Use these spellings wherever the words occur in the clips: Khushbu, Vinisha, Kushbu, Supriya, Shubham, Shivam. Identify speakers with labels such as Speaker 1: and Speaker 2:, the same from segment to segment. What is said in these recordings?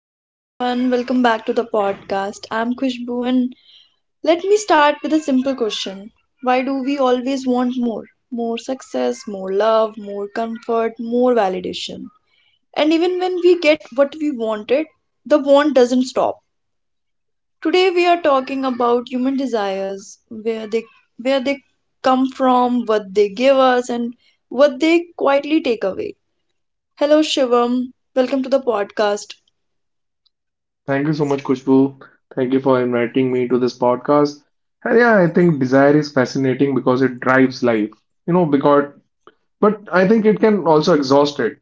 Speaker 1: Hello everyone, welcome back to the podcast. I'm Khushbu and let me start with a simple question. Why do we always want more? More success, more love, more comfort, more validation. And even when we get what we wanted, the want doesn't stop. Today we are talking about human desires, where they come from, what they give us and what they quietly take away. Hello Shivam, welcome to the podcast.
Speaker 2: Thank you so much, Kushbu. Thank you for inviting me to this podcast. And yeah, I think desire is fascinating because it drives life, because but I think it can also exhaust it.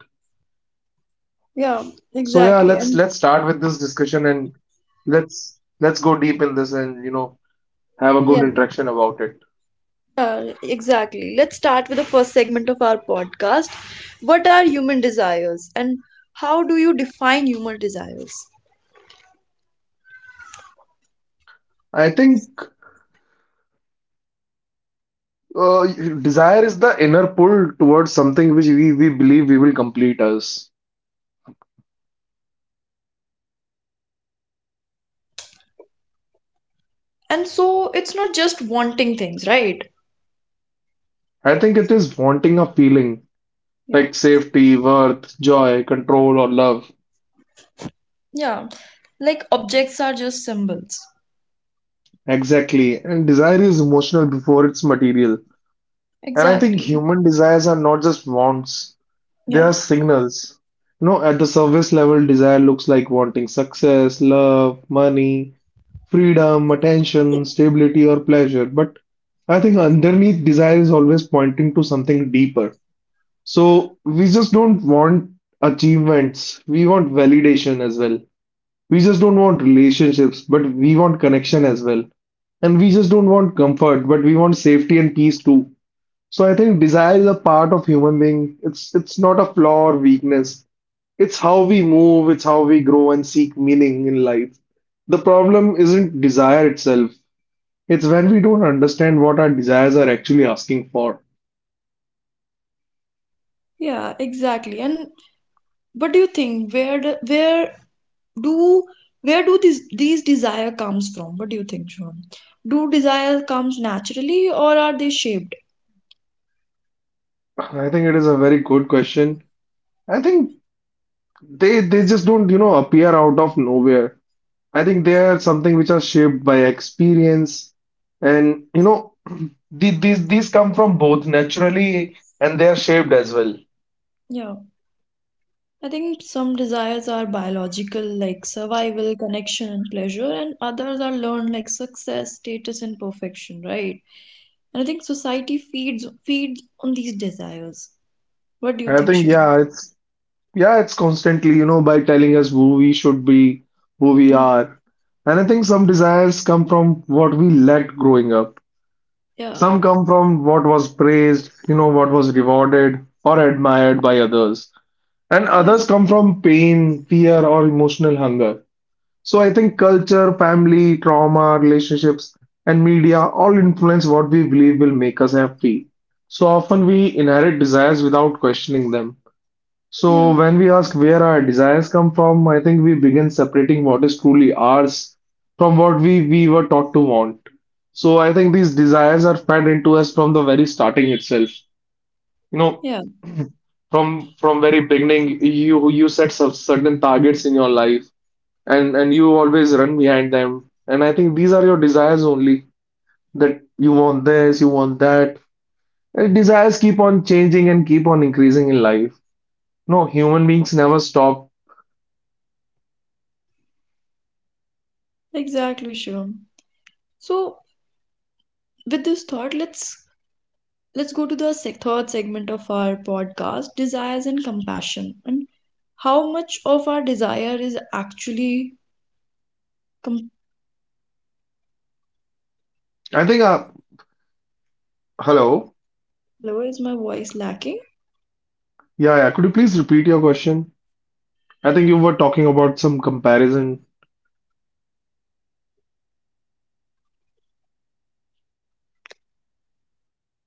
Speaker 1: Yeah,
Speaker 2: So yeah,
Speaker 1: exactly.
Speaker 2: let's
Speaker 1: And
Speaker 2: let's start with this discussion and let's go deep in this and have a
Speaker 1: yeah.
Speaker 2: good interaction about it.
Speaker 1: Exactly. Let's start with the first segment of our podcast. What are human desires and how do you define human desires?
Speaker 2: I think uh, desire is the inner pull towards something which we believe we will complete us.
Speaker 1: And so it's not just wanting things, right?
Speaker 2: I think it is wanting a feeling
Speaker 1: Yeah.
Speaker 2: like safety, worth, joy, control, or love.
Speaker 1: Yeah, like objects are just symbols.
Speaker 2: Exactly. And desire is emotional before it's material. And I think
Speaker 1: Exactly.
Speaker 2: human desires are not just wants, they
Speaker 1: Yeah.
Speaker 2: are signals. You know, at the surface level, desire looks like wanting success, love, money, freedom, attention, stability, or pleasure. But I think underneath, desire is always pointing to something deeper. So we just don't want achievements, we want validation as well. We just don't want relationships, but we want connection as well. And we just don't want comfort, but we want safety and peace too. So I think desire is a part of human being. It's not a flaw or weakness. It's how we move, it's how we grow and seek meaning in life. The problem isn't desire itself. It's when we don't understand what our desires are actually asking for.
Speaker 1: Yeah, exactly. And what do you think? Do where do these desire comes from? What do you think, Shubham? Do desire comes naturally or are they shaped?
Speaker 2: I think it is a very good question. I think they just don't, you know, appear out of nowhere. I think they are something which are shaped by experience, and you know, these come from both naturally and they are shaped as well.
Speaker 1: Yeah. I think some desires are biological, like survival, connection, and pleasure, and others are learned, like success, status, and perfection, right? And I think society feeds on these desires. What do you
Speaker 2: I
Speaker 1: think,
Speaker 2: think
Speaker 1: Shivam?
Speaker 2: yeah, it's constantly you know by telling us who we should be, who we
Speaker 1: Yeah,
Speaker 2: are, and I think some desires come from what we lacked growing up.
Speaker 1: yeah,
Speaker 2: Some come from what was praised, you know, what was rewarded or admired by others, and
Speaker 1: yeah,
Speaker 2: others come from pain, fear, or emotional hunger. So I think culture, family, trauma, relationships, and media all influence what we believe will make us happy. So often we inherit desires without questioning them. So
Speaker 1: yeah,
Speaker 2: when we ask where our desires come from, I think we begin separating what is truly ours from what we were taught to want. So I think these desires are fed into us from the very starting itself. You know,
Speaker 1: yeah.
Speaker 2: from very beginning, you set some certain targets in your life and you always run behind them. And I think these are your desires only that you want this, you want that. And desires keep on changing and keep on increasing in life. No, human beings never stop.
Speaker 1: Exactly, Shivam. So, with this thought, let's go to the third segment of our podcast, desires and compassion, and how much of our desire is actually. Com-
Speaker 2: I think. Hello.
Speaker 1: Hello, is my voice lacking?
Speaker 2: Yeah, yeah. Could you please repeat your question? I think you were talking about some comparison.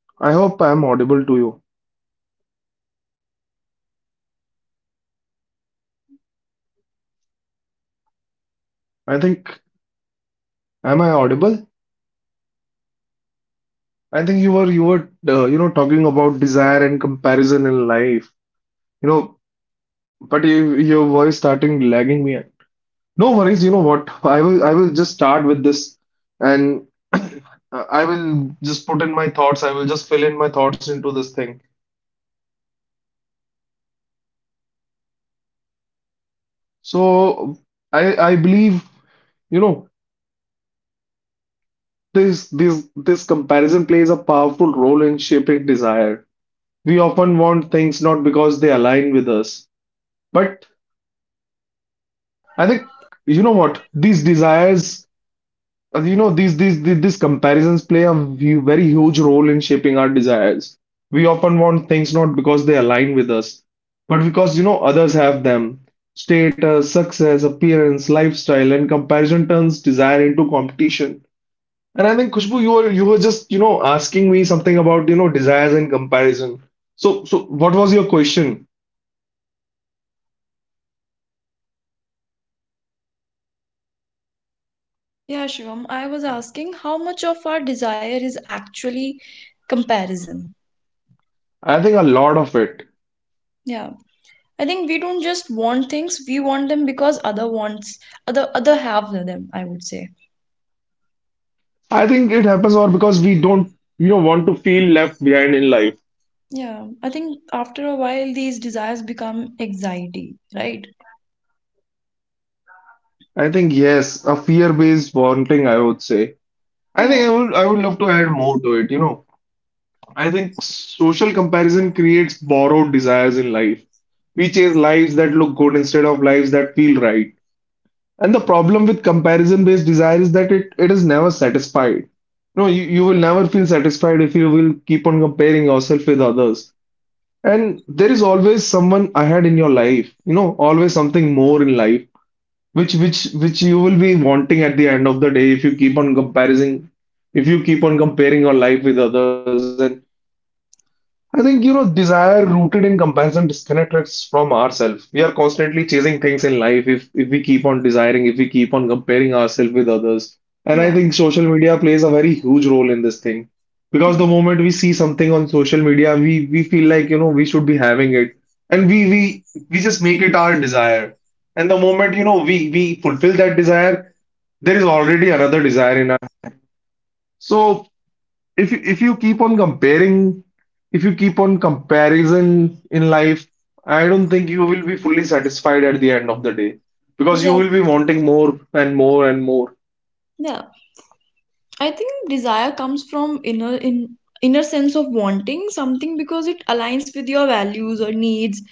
Speaker 2: I hope I'm audible to you. I think. Am I audible? I think you were talking about desire and comparison in life. You know, but you, your voice starting lagging me. No worries, you know what? I will just start with this and I will just put in my thoughts. I will just fill in my thoughts into this thing. So I believe, you know, this comparison plays a powerful role in shaping desire. We often want things not because they align with us, but I think you know what? These desires You know, these comparisons play a very huge role in shaping our desires. We often want things not because they align with us, but because, you know, others have them. Status, success, appearance, lifestyle, and comparison turns desire into competition. And I think, Khushbu, you were just, you know, asking me something about, you know, desires and comparison. So so what was your question?
Speaker 1: Yeah, Shivam, I was asking how much of our desire is actually comparison.
Speaker 2: I think a lot of it.
Speaker 1: Yeah. I think we don't just want things, we want them because other wants other other have them, I would say.
Speaker 2: I think it happens or because we don't, you know, want to feel left behind in life.
Speaker 1: Yeah. I think after a while these desires become anxiety, right?
Speaker 2: I think yes, a fear-based bonding, I would say. I think
Speaker 1: Yeah.
Speaker 2: I would love to add more to it, you know. I think social comparison creates borrowed desires in life. We chase lives that look good instead of lives that feel right. And the problem with comparison-based desire is that it is never satisfied. No, you will never feel satisfied if you will keep on comparing yourself with others. And there is always someone ahead in your life, you know, always something more in life which you will be wanting at the end of the day if you keep on comparing if you keep on comparing your life with others and I think, you know, desire rooted in comparison disconnects us from ourselves. We are constantly chasing things in life if we keep on desiring, if we keep on comparing ourselves with others. And I
Speaker 1: Yeah.
Speaker 2: think social media plays a very huge role in this thing. Because
Speaker 1: Yeah.
Speaker 2: the moment we see something on social media, we feel like, you know, we should be having it. And we just make it our desire. And the moment, you know, we fulfill that desire, there is already another desire in us. So if you keep on comparing, if you keep on comparison in life, I don't think you will be fully satisfied at the end of the day because you will be
Speaker 1: Exactly.
Speaker 2: wanting more and more and more.
Speaker 1: Yeah. I think desire comes from inner sense of wanting something because it aligns with your values or needs.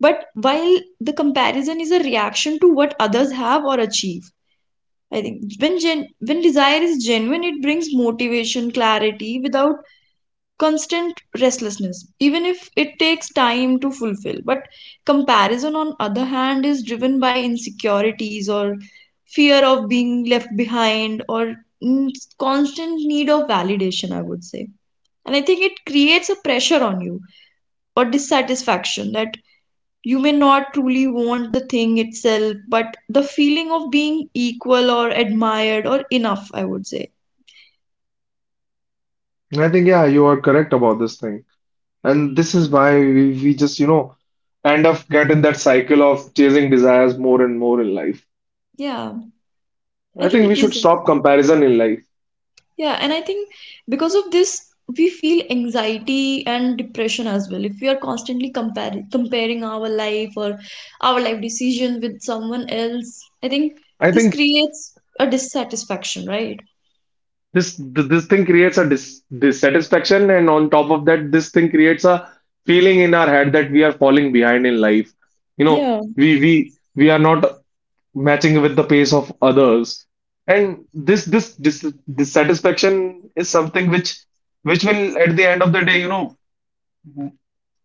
Speaker 1: But while the comparison is a reaction to what others have or achieve, I think when desire is genuine, it brings motivation, clarity without constant restlessness even if it takes time to fulfill, but comparison on other hand is driven by insecurities or fear of being left behind or mm, constant need of validation, I would say, and I think it creates a pressure on you or dissatisfaction that you may not truly want the thing itself but the feeling of being equal or admired or enough, I would say.
Speaker 2: And I think, yeah, you are correct about this thing. And this is why we just, you know, end up get in that cycle of chasing desires more and more in life.
Speaker 1: yeah i
Speaker 2: I think
Speaker 1: think
Speaker 2: we should
Speaker 1: this
Speaker 2: stop comparison in life.
Speaker 1: Yeah, and I think because of this, we feel anxiety and depression as well. If we are constantly comparing our life or our life decision with someone else, I think
Speaker 2: I
Speaker 1: this
Speaker 2: think
Speaker 1: creates a dissatisfaction, right?
Speaker 2: this this thing creates a dissatisfaction, and on top of that this thing creates a feeling in our head that we are falling behind in life, you know,
Speaker 1: Yeah,
Speaker 2: we we we are not matching with the pace of others. And this dissatisfaction is something which will at the end of the day, you know,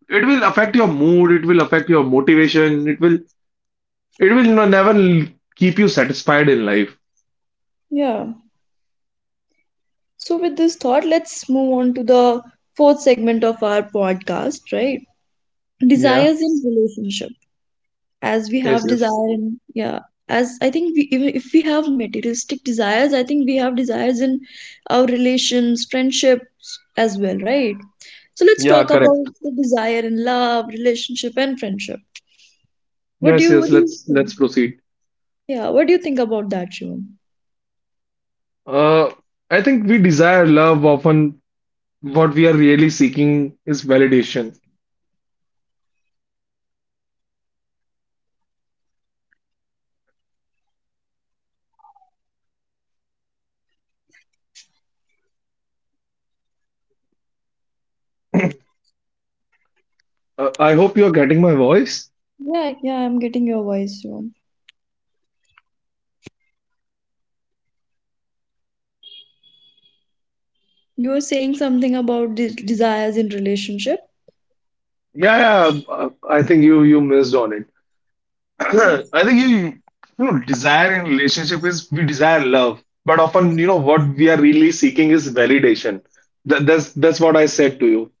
Speaker 2: it will affect your mood, it will affect your motivation, it will never keep you satisfied in life.
Speaker 1: yeah. So, with this thought, let's move on to the fourth segment of our podcast, right?
Speaker 2: Yeah,
Speaker 1: Desires in relationship. As we
Speaker 2: yes,
Speaker 1: have
Speaker 2: yes.
Speaker 1: desire in, yeah, as I think, we, even if we have materialistic desires, I think we have desires in our relations, friendships as well, right? So let's
Speaker 2: Yeah,
Speaker 1: talk about
Speaker 2: correct.
Speaker 1: the desire in love, relationship and friendship. what do
Speaker 2: Yes,
Speaker 1: you
Speaker 2: yes,
Speaker 1: what do you
Speaker 2: let's
Speaker 1: think?
Speaker 2: proceed.
Speaker 1: Yeah, what do you think about that, Shivam?
Speaker 2: Uh, I think we desire love often. What we are really seeking is validation. I hope you are getting my voice.
Speaker 1: Yeah, yeah, I'm getting your voice, Shivam. You were saying something about desires in relationship.
Speaker 2: Yeah, yeah. I think you you missed on it.
Speaker 1: Yeah,
Speaker 2: I think you, you know desire in relationship is we desire love, but often you know what we are really seeking is validation. That, that's what I said to you.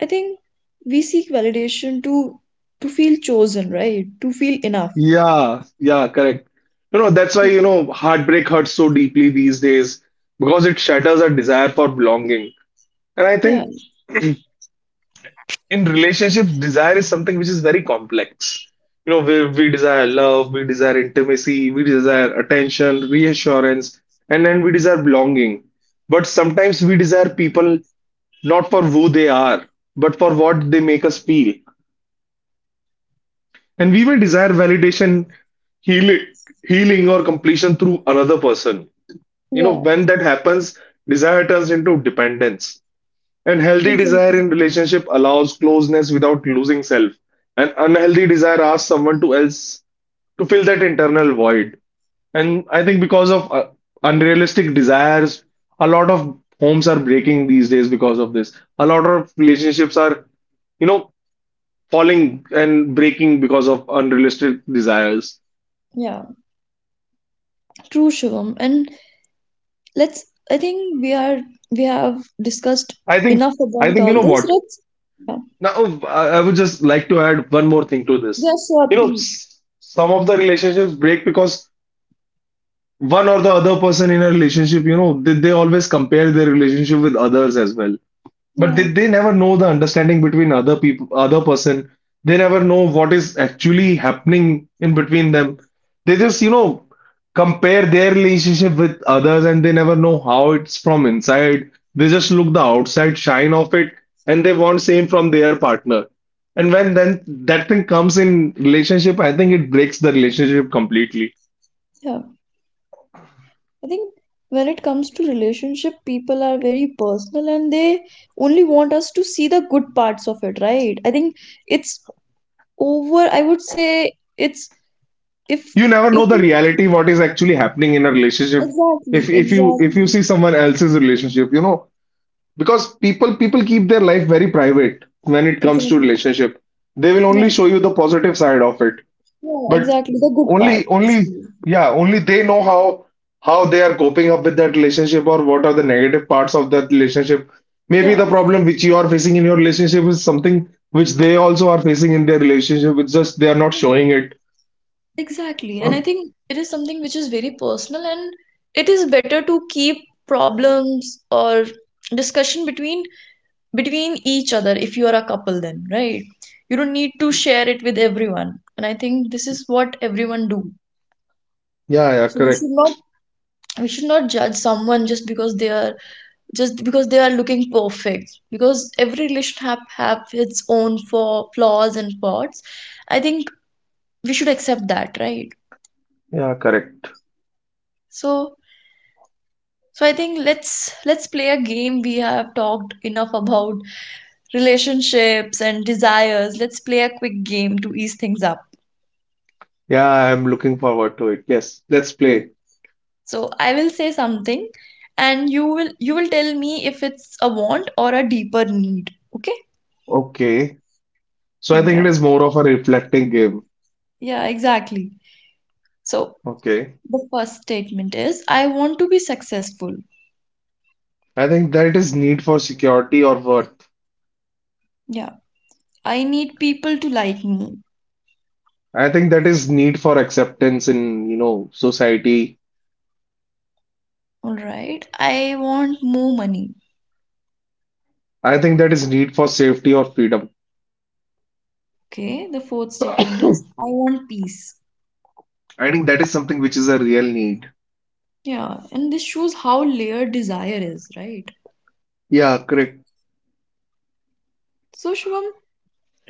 Speaker 1: I think we seek validation to feel chosen, right? To feel enough.
Speaker 2: Yeah, yeah, correct. You know that's why you know heartbreak hurts so deeply these days because it shatters our desire for belonging. And I
Speaker 1: Yeah.
Speaker 2: think in relationships, desire is something which is very complex. You know, we desire love, we desire intimacy, we desire attention, reassurance, and then we desire belonging. But sometimes we desire people not for who they are, but for what they make us feel. And we may desire validation, healing, healing or completion through another person. You know,
Speaker 1: Yeah.
Speaker 2: when that happens, desire turns into dependence. And healthy desire
Speaker 1: Exactly.
Speaker 2: in relationship allows closeness without losing self. And unhealthy desire asks someone to else to fill that internal void. And I think because of unrealistic desires, a lot of homes are breaking these days because of this. A lot of relationships are, you know, falling and breaking because of unrealistic desires.
Speaker 1: Yeah, true, Shivam. And let's, I think we are, we have discussed
Speaker 2: I think,
Speaker 1: enough
Speaker 2: I
Speaker 1: about
Speaker 2: think, you
Speaker 1: all
Speaker 2: know
Speaker 1: this.
Speaker 2: what?
Speaker 1: Let's, yeah,
Speaker 2: Now, I would just like to add one more thing to this.
Speaker 1: yeah, sure,
Speaker 2: You know,
Speaker 1: please.
Speaker 2: some of the relationships break because one or the other person in a relationship, you know, they always compare their relationship with others as well. But they,
Speaker 1: Yeah,
Speaker 2: they never know the understanding between other people, other person. They never know what is actually happening in between them. They just, you know, compare their relationship with others and they never know how it's from inside. They just look the outside shine of it and they want same from their partner. And when then that thing comes in relationship, I think it breaks the relationship completely.
Speaker 1: yeah. I think when it comes to relationship, people are very personal and they only want us to see the good parts of it, right? I think it's over, I would say it's, if,
Speaker 2: You never know
Speaker 1: if,
Speaker 2: the reality what is actually happening in a relationship. if
Speaker 1: exactly,
Speaker 2: if you if you
Speaker 1: exactly,
Speaker 2: see someone else's relationship, you know, because people keep their life very private when it comes to
Speaker 1: exactly.
Speaker 2: relationship, they will only
Speaker 1: Yeah,
Speaker 2: show you the positive side of it.
Speaker 1: yeah,
Speaker 2: But
Speaker 1: exactly. The good
Speaker 2: only
Speaker 1: part.
Speaker 2: only
Speaker 1: Basically.
Speaker 2: yeah only they know how they are coping up with that relationship or what are the negative parts of that relationship. Maybe
Speaker 1: Yeah.
Speaker 2: the problem which you are facing in your relationship is something which they also are facing in their relationship, it's just they are not
Speaker 1: Yeah.
Speaker 2: showing it.
Speaker 1: Exactly. And I think it is something which is very personal, and it is better to keep problems or discussion between between each other if you are a couple then, right? You don't need to share it with everyone. And I think this is what everyone do.
Speaker 2: Yeah, yeah,
Speaker 1: So we
Speaker 2: correct.
Speaker 1: should not we should not judge someone just because they are just because they are looking perfect. Because every relation have its own for flaws and faults. I think we should accept that, right?
Speaker 2: Yeah, correct.
Speaker 1: So so I think let's play a game. We have talked enough about relationships and desires. Let's play a quick game to ease things up.
Speaker 2: Yeah, I'm looking forward to it. Yes, let's play.
Speaker 1: So I will say something and you will tell me if it's a want or a deeper need. Okay?
Speaker 2: Okay. So
Speaker 1: All
Speaker 2: I think it
Speaker 1: right.
Speaker 2: is more of a reflecting game.
Speaker 1: Yeah, exactly. So
Speaker 2: Okay.
Speaker 1: the first statement is I want to be successful.
Speaker 2: I think that is need for security or worth.
Speaker 1: Yeah. I need people to like me.
Speaker 2: I think that is need for acceptance in, society.
Speaker 1: All right. I want more money.
Speaker 2: I think that is need for safety or freedom.
Speaker 1: Okay. The fourth
Speaker 2: I
Speaker 1: statement is I want peace.
Speaker 2: think that is something which is a real need.
Speaker 1: Yeah, and this shows how layered desire is, right?
Speaker 2: Yeah, correct.
Speaker 1: So, Shivam,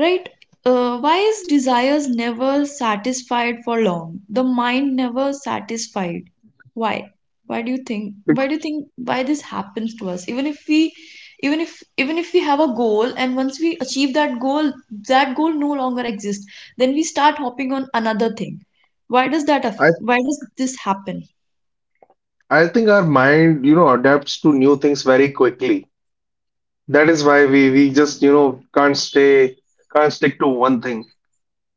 Speaker 1: right, why is desires never satisfied for long? The mind never satisfied. Why? Why do you think? Why
Speaker 2: Bec-
Speaker 1: do you think why this happens to us? Even if we have a goal and once we achieve that goal no longer exists. Then we start hopping on another thing. Why does that?
Speaker 2: I
Speaker 1: Why does this happen?
Speaker 2: I think our mind, adapts to new things very quickly. That is why we just, can't stay, can't stick to one thing.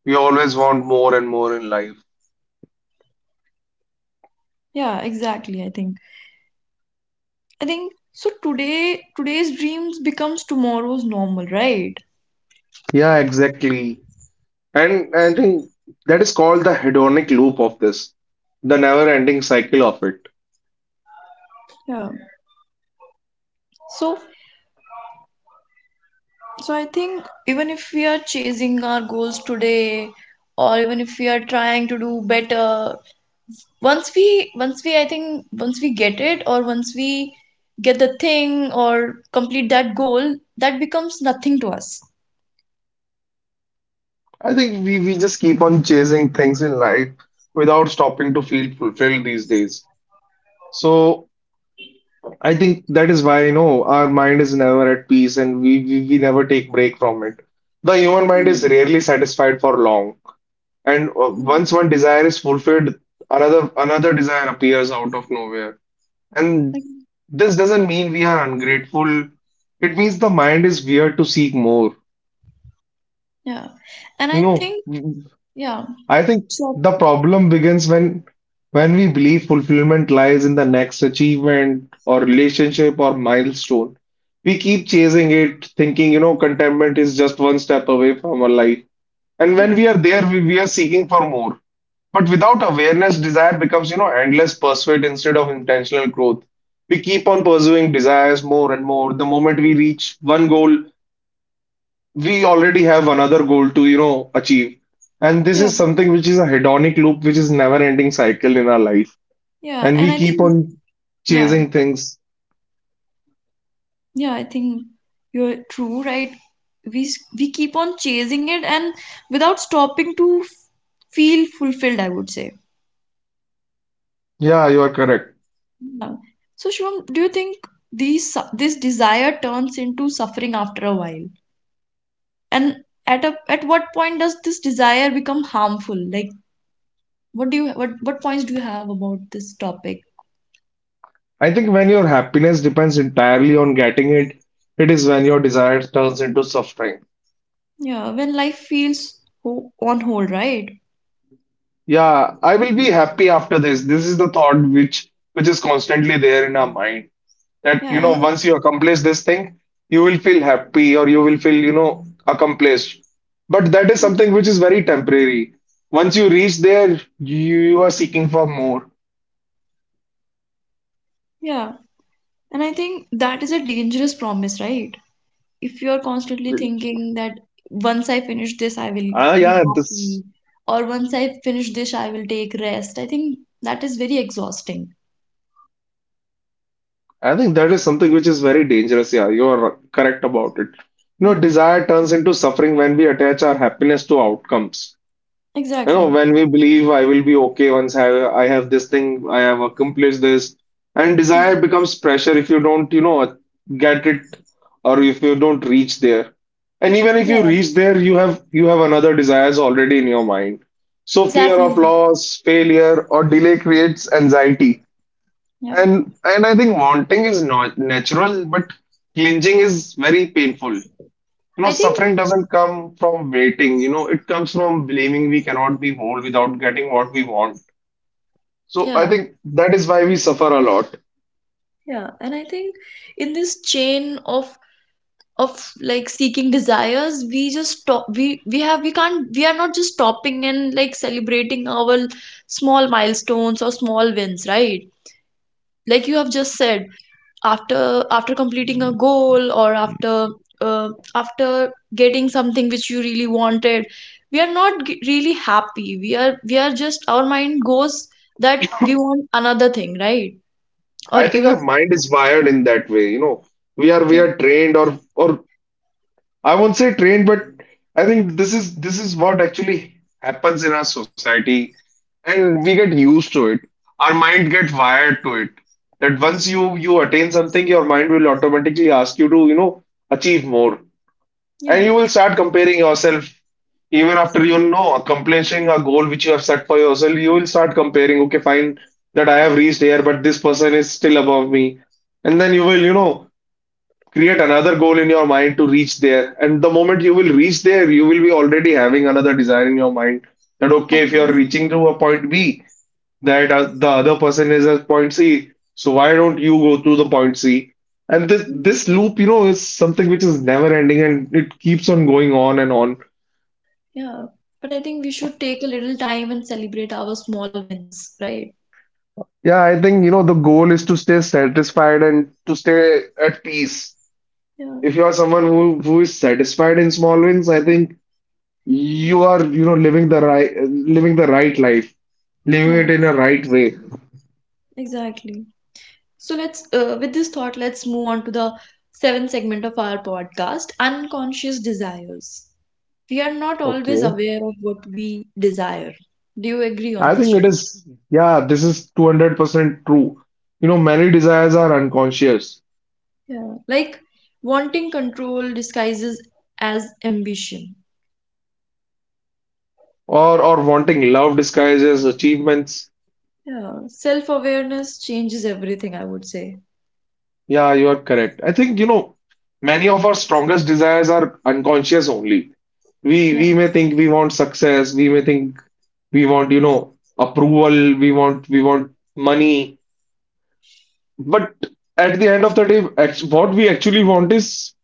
Speaker 2: We always want more and more in life.
Speaker 1: Yeah, exactly. I think. I think so today's dreams becomes tomorrow's normal, right?
Speaker 2: Yeah, exactly. And I think that is called the hedonic loop of this, the never-ending cycle of it.
Speaker 1: Yeah. So so I think even if we are chasing our goals today or even if we are trying to do better, once we I think once we get it or once we get the thing or complete that goal, that becomes nothing to us.
Speaker 2: I think we just keep on chasing things in life without stopping to feel fulfilled these days. So I think that is why, our mind is never at peace and we never take break from it. The human mind is
Speaker 1: Mm,
Speaker 2: rarely satisfied for long. And
Speaker 1: mm.
Speaker 2: once one desire is fulfilled, another desire appears out of nowhere. And
Speaker 1: Like,
Speaker 2: this doesn't mean we are ungrateful. It means the mind is weird to seek more.
Speaker 1: yeah. And
Speaker 2: You
Speaker 1: I
Speaker 2: know,
Speaker 1: think yeah.
Speaker 2: I think
Speaker 1: So
Speaker 2: the problem begins when we believe fulfillment lies in the next achievement or relationship or milestone. We keep chasing it, thinking, contentment is just one step away from our life. And
Speaker 1: yeah.
Speaker 2: when we are there, we are seeking for more. But without awareness, desire becomes, endless pursuit instead of intentional growth. We keep on pursuing desires more and more. The moment we reach one goal, we already have another goal to, achieve. And this
Speaker 1: Yeah.
Speaker 2: is something which is a hedonic loop, which is never ending cycle in our life.
Speaker 1: Yeah.
Speaker 2: And
Speaker 1: And
Speaker 2: we
Speaker 1: I
Speaker 2: keep
Speaker 1: think
Speaker 2: on
Speaker 1: yeah.
Speaker 2: chasing things.
Speaker 1: Yeah, I think you're true, right? We keep on chasing it and without stopping to feel fulfilled, I would say.
Speaker 2: Yeah, you are correct.
Speaker 1: Um, So Shivam, do you think this desire turns into suffering after a while? And at a at what point does this desire become harmful? Like, what what points do you have about this topic?
Speaker 2: I think when your happiness depends entirely on getting it, it is when your desire turns into suffering.
Speaker 1: Yeah, when life feels ho on hold, right?
Speaker 2: Yeah, I will be happy after this. This is the thought which is constantly there in our mind that you
Speaker 1: Yeah,
Speaker 2: know
Speaker 1: and it's-
Speaker 2: once you accomplish this thing, you will feel happy or you will feel you know accomplished. But that is something which is very temporary. Once you reach there, you are seeking for more.
Speaker 1: yeah, and I think that is a dangerous promise, right? If you're constantly thinking that once I finish this, I will be
Speaker 2: Yeah, this
Speaker 1: happy, or once I finish this, I will take rest, I think that is very exhausting.
Speaker 2: I think that is something which is very dangerous. Yeah, you are correct about it. You know,
Speaker 1: Yeah,
Speaker 2: desire turns into suffering when we attach our happiness to outcomes. You know,
Speaker 1: exactly.
Speaker 2: when we believe I will be okay once I have this thing, I have accomplished this, and desire
Speaker 1: Mm,
Speaker 2: becomes pressure if you don't, get it or if you don't reach there. And even if you
Speaker 1: yeah,
Speaker 2: reach there, you have another desires already in your mind. So fear of
Speaker 1: exactly.
Speaker 2: loss, failure, or delay creates anxiety.
Speaker 1: Yeah,
Speaker 2: And I think wanting is not natural, but clinging is very painful. You know,
Speaker 1: I think,
Speaker 2: suffering doesn't come from waiting, it comes from believing we cannot be whole without getting what we want. So I
Speaker 1: yeah,
Speaker 2: think that is why we suffer a lot.
Speaker 1: yeah, and I think in this chain of like seeking desires we just stop, we have, we can't, we are not just stopping and like celebrating our small milestones or small wins, right? Like you have just said, after after completing a goal or after uh, after getting something which you really wanted, we are not really happy, we are just, our mind goes that we want another thing, right? Or
Speaker 2: I think
Speaker 1: even
Speaker 2: our mind is wired in that way, you know. We are we
Speaker 1: yeah,
Speaker 2: are trained or I won't say trained, but I think this is what actually happens in our society and we get used to it. Our mind get wired to it. That once you attain something, your mind will automatically ask you to, achieve more. And
Speaker 1: yeah,
Speaker 2: you will start comparing yourself even after you know accomplishing a goal which you have set for yourself. You will start comparing, okay, fine, that I have reached here, but this person is still above me. And then you will, create another goal in your mind to reach there. And the moment you will reach there, you will be already having another desire in your mind that, okay, if you
Speaker 1: exactly.
Speaker 2: are reaching to a point B, that the other person is at point C, so why don't you go to the point C? And this
Speaker 1: Exactly.
Speaker 2: loop, is something which is never ending and it keeps on going on and on.
Speaker 1: Yeah, but I think we should take a little time and celebrate our small wins, right?
Speaker 2: Yeah, I think, the goal is to stay satisfied and to stay at peace.
Speaker 1: Yeah.
Speaker 2: If you are someone who is satisfied in small wins, I think you are, living the right life, living it
Speaker 1: Yeah,
Speaker 2: in a right way.
Speaker 1: exactly. So let's with this thought let's move on to the seventh segment of our podcast, unconscious desires. We are not always
Speaker 2: Okay.
Speaker 1: aware of what we desire. Do you agree on
Speaker 2: I
Speaker 1: this,
Speaker 2: think it
Speaker 1: Shivam?
Speaker 2: is, yeah, this is 200% true. You know, many desires are unconscious
Speaker 1: Yeah. Like wanting control disguises as ambition.
Speaker 2: or wanting love disguises achievements.
Speaker 1: Yeah. Self awareness changes everything, I would say.
Speaker 2: Yeah, you are correct. I think, many of our strongest desires are unconscious only. We
Speaker 1: Yeah.
Speaker 2: we may think we want success, we may think we want, approval, we want money, but at the end of the day, what we actually want is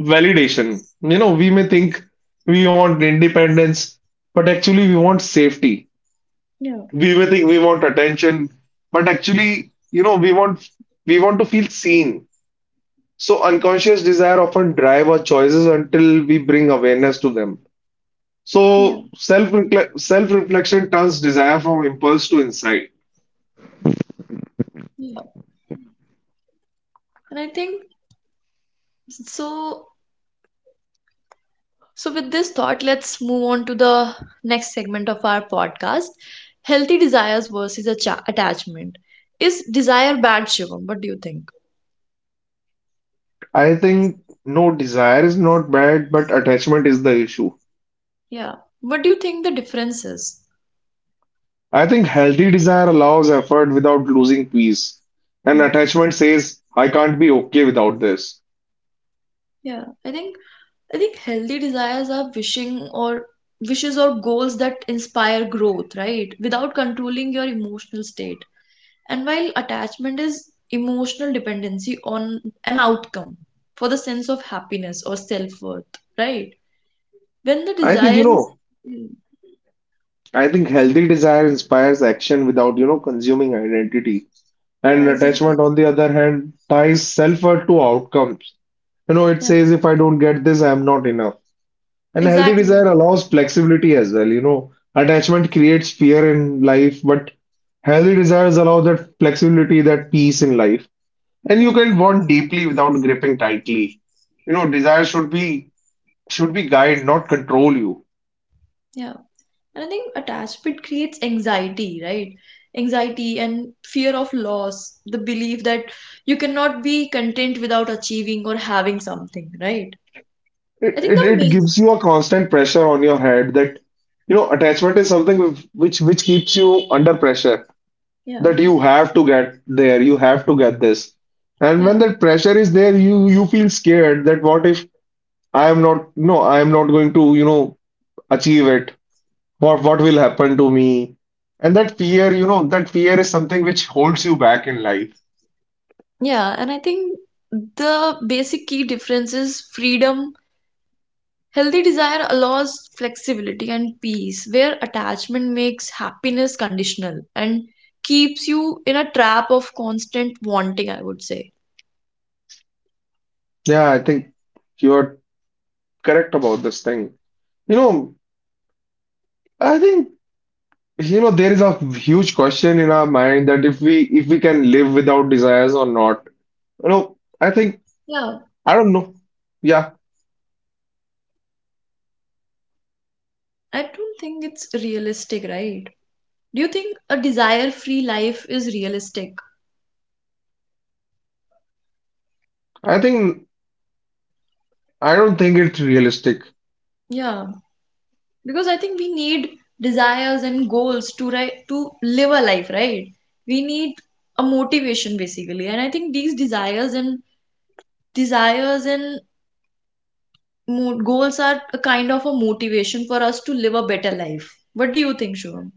Speaker 2: validation. You know, we may think we want independence, but actually we want safety.
Speaker 1: Yeah.
Speaker 2: We may think we want attention, but actually, we want to feel seen. So unconscious desire often drive our choices until we bring awareness to them.
Speaker 1: Yeah.
Speaker 2: So self reflection turns desire from impulse to insight.
Speaker 1: Yeah. And I think so. So, with this thought, let's move on to the next segment of our podcast, healthy desires versus attachment. Is desire bad, Shivam? What do you think?
Speaker 2: I think no, desire is not bad, but attachment is the issue.
Speaker 1: Yeah. What do you think the difference is?
Speaker 2: I think healthy desire allows effort without losing peace. And attachment says, I can't be okay without this.
Speaker 1: Yeah, I think, I think healthy desires are wishing or wishes or goals that inspire growth, right? Without controlling your emotional state. And while attachment is emotional dependency on an outcome for the sense of happiness or self-worth, right? When the
Speaker 2: I think,
Speaker 1: desire is mm,
Speaker 2: I think healthy desire inspires action without, consuming identity. And
Speaker 1: yeah,
Speaker 2: attachment,
Speaker 1: exactly.
Speaker 2: on the other hand, ties self-worth to outcomes. You know, it
Speaker 1: Yeah,
Speaker 2: says, if I don't get this, I'm not enough. And healthy
Speaker 1: exactly.
Speaker 2: desire allows flexibility as well. You know, attachment creates fear in life, but healthy desires allow that flexibility, that peace in life. And you
Speaker 1: Yeah,
Speaker 2: can want deeply without gripping tightly. You know, desire should be guide, not control you.
Speaker 1: yeah. And I think attachment creates anxiety, right? Anxiety and fear of loss, the belief that you cannot be content without achieving or having something, right? I
Speaker 2: It,
Speaker 1: think
Speaker 2: it
Speaker 1: the
Speaker 2: it
Speaker 1: main,
Speaker 2: gives you a constant pressure on your head that you know attachment is something which keeps you under pressure
Speaker 1: yeah,
Speaker 2: that you have to get there, you have to get this. And when
Speaker 1: yeah,
Speaker 2: that pressure is there, you feel scared that what if I am not going to achieve it. What will happen to me? And that fear, that fear is something which holds you back in life.
Speaker 1: yeah. And I think the basic key difference is freedom. Healthy desire allows flexibility and peace, where attachment makes happiness conditional and keeps you in a trap of constant wanting, I would say.
Speaker 2: Yeah, I think you're correct about this thing. You know, I think you know there is a huge question in our mind that if we can live without desires or not. You know, I think
Speaker 1: Yeah,
Speaker 2: I don't know. Yeah,
Speaker 1: I don't think it's realistic, right? Do you think a desire free life is realistic?
Speaker 2: I think I don't think it's realistic.
Speaker 1: Yeah, because I think we need desires and goals to live a life, right? We need a motivation basically, and I think these desires and desires and goals are a kind of a motivation for us to live a better life. What do you think, Shivam?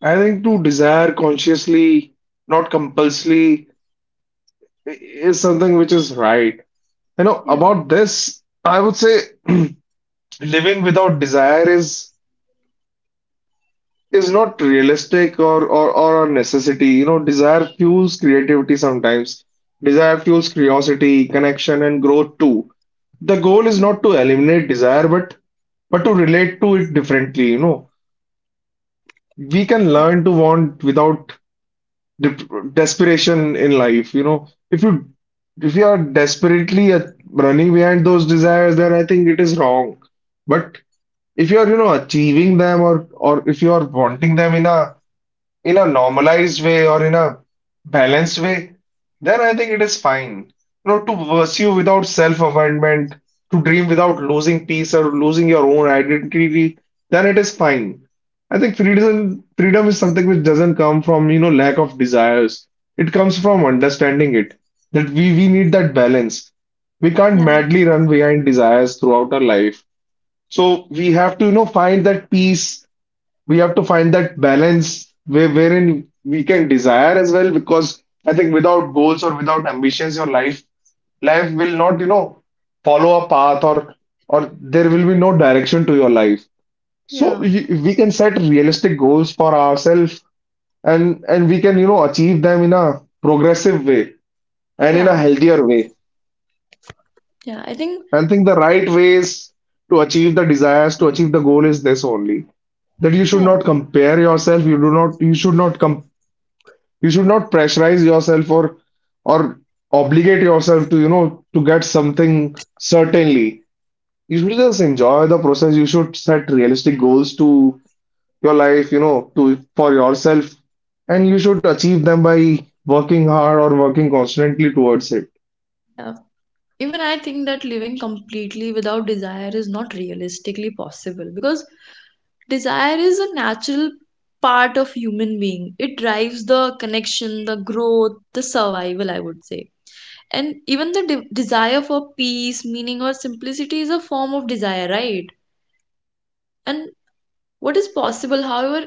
Speaker 2: I think to desire consciously, not compulsively, i- is something which is right. You know,
Speaker 1: Yeah,
Speaker 2: about this, I would say living without desire is not realistic or, or a necessity. You know, desire fuels creativity sometimes. Desire fuels curiosity, connection, and growth too. The goal is
Speaker 1: yeah,
Speaker 2: not to eliminate desire, but to relate to it differently. You know, we can learn to want without de- desperation in life. You know, if you are desperately running behind those desires, then I think it is wrong. But if you are, achieving them or if you are wanting them in a normalized way or in a balanced way, then I think it is fine. You know, to pursue without self-abandonment, to dream without losing peace or losing your own identity, then it is fine. I think freedom is something which doesn't come from, lack of desires. It comes from understanding it, that we need that balance. We can't
Speaker 1: yeah,
Speaker 2: madly run behind desires throughout our life. So we have to, find that peace. We have to find that balance where, wherein we can desire as well, because I think without goals or without ambitions your life life will not you know follow a path or there will be no direction to your life.
Speaker 1: yeah,
Speaker 2: So we can set realistic goals for ourselves, and we can you know achieve them in a progressive way and in a
Speaker 1: yeah,
Speaker 2: healthier way.
Speaker 1: yeah, I think,
Speaker 2: And I think the right ways to achieve the desires, to achieve the goal is this only, that you should
Speaker 1: yeah,
Speaker 2: not compare yourself, you do not you should not compare. You should not pressurize yourself or obligate yourself to, to get something certainly. You should just enjoy the process. You should set realistic goals to your life, to for yourself, and you should achieve them by working hard or working constantly towards it.
Speaker 1: even I think that living completely without desire is not realistically possible because desire is a natural part of human being, it drives the connection, the growth, the survival, I would say. And even the desire for peace, meaning or simplicity is a form of desire, right? And what is possible, however,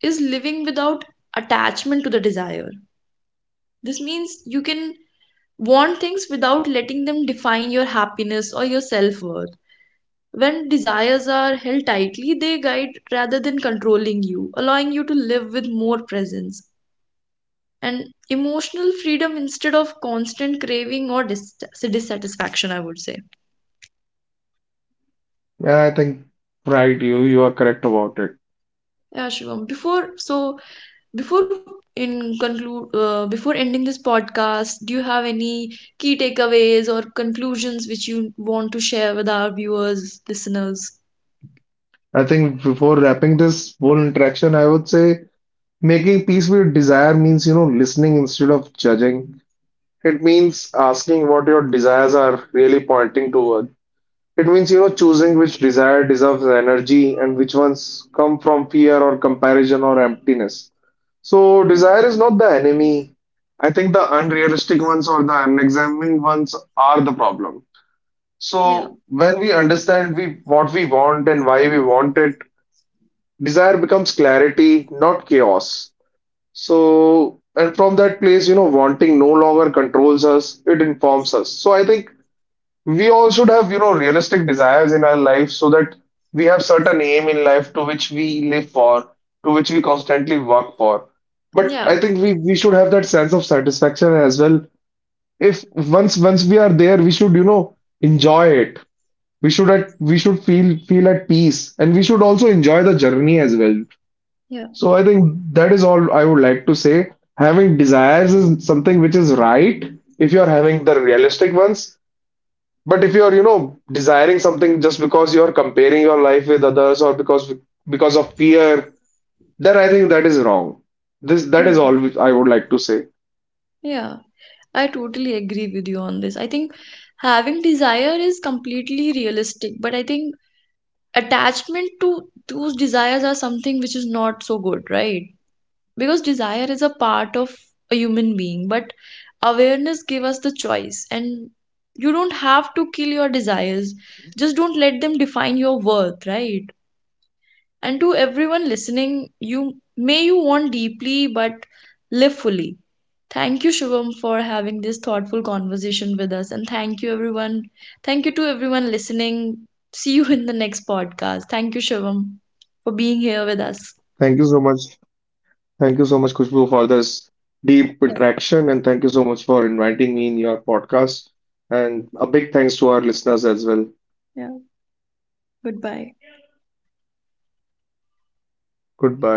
Speaker 1: is living without attachment to the desire. This means you can want things without letting them define your happiness or your self-worth. When desires are held tightly, they guide rather than controlling you, allowing you to live with more presence and emotional freedom instead of constant craving or dissatisfaction. I would say,
Speaker 2: Yeah, I think right, you are correct about it.
Speaker 1: yeah, Shivam. Before so before in conclude, before ending this podcast, do you have any key takeaways or conclusions which you want to share with our viewers, listeners?
Speaker 2: I think before wrapping this whole interaction, I would say making peace with desire means, listening instead of judging. It means asking what your desires are really pointing toward. It means, choosing which desire deserves energy and which ones come from fear or comparison or emptiness. So, desire is not the enemy. I think the unrealistic ones or the unexamined ones are the problem.
Speaker 1: Yeah,
Speaker 2: So, when we understand we, what we want and why we want it, desire becomes clarity, not chaos. So, and from that place, wanting no longer controls us, it informs us. So, I think we all should have, realistic desires in our life so that we have certain aim in life to which we live for, to which we constantly work for. But
Speaker 1: yeah,
Speaker 2: I think we should have that sense of satisfaction as well. If once we are there, we should, enjoy it. We should at we should feel at peace, and we should also enjoy the journey as well.
Speaker 1: yeah,
Speaker 2: So I think that is all I would like to say. Having desires is something which is right if you are having the realistic ones. But if you are, desiring something just because you are comparing your life with others or because of fear, then I think that is wrong. This that
Speaker 1: yeah.
Speaker 2: is all which I would like to say.
Speaker 1: Yeah. I totally agree with you on this. I think having desire is completely realistic, but I think attachment to those desires are something which is not so good, right? Because desire is a part of a human being, but awareness give us the choice and you don't have to kill your desires. Just don't let them define your worth, right? And to everyone listening, you may you want deeply but live fully. Thank you, Shivam, for having this thoughtful conversation with us. And thank you, everyone. Thank you to everyone listening. See you in the next podcast. Thank you, Shivam, for being here with
Speaker 2: Thank you so
Speaker 1: us.
Speaker 2: much. Thank you so much, Kushbu, for this deep
Speaker 1: Yeah,
Speaker 2: interaction, and thank you so much for inviting me in your podcast. And a big thanks to our listeners as well.
Speaker 1: yeah. Goodbye.
Speaker 2: Goodbye.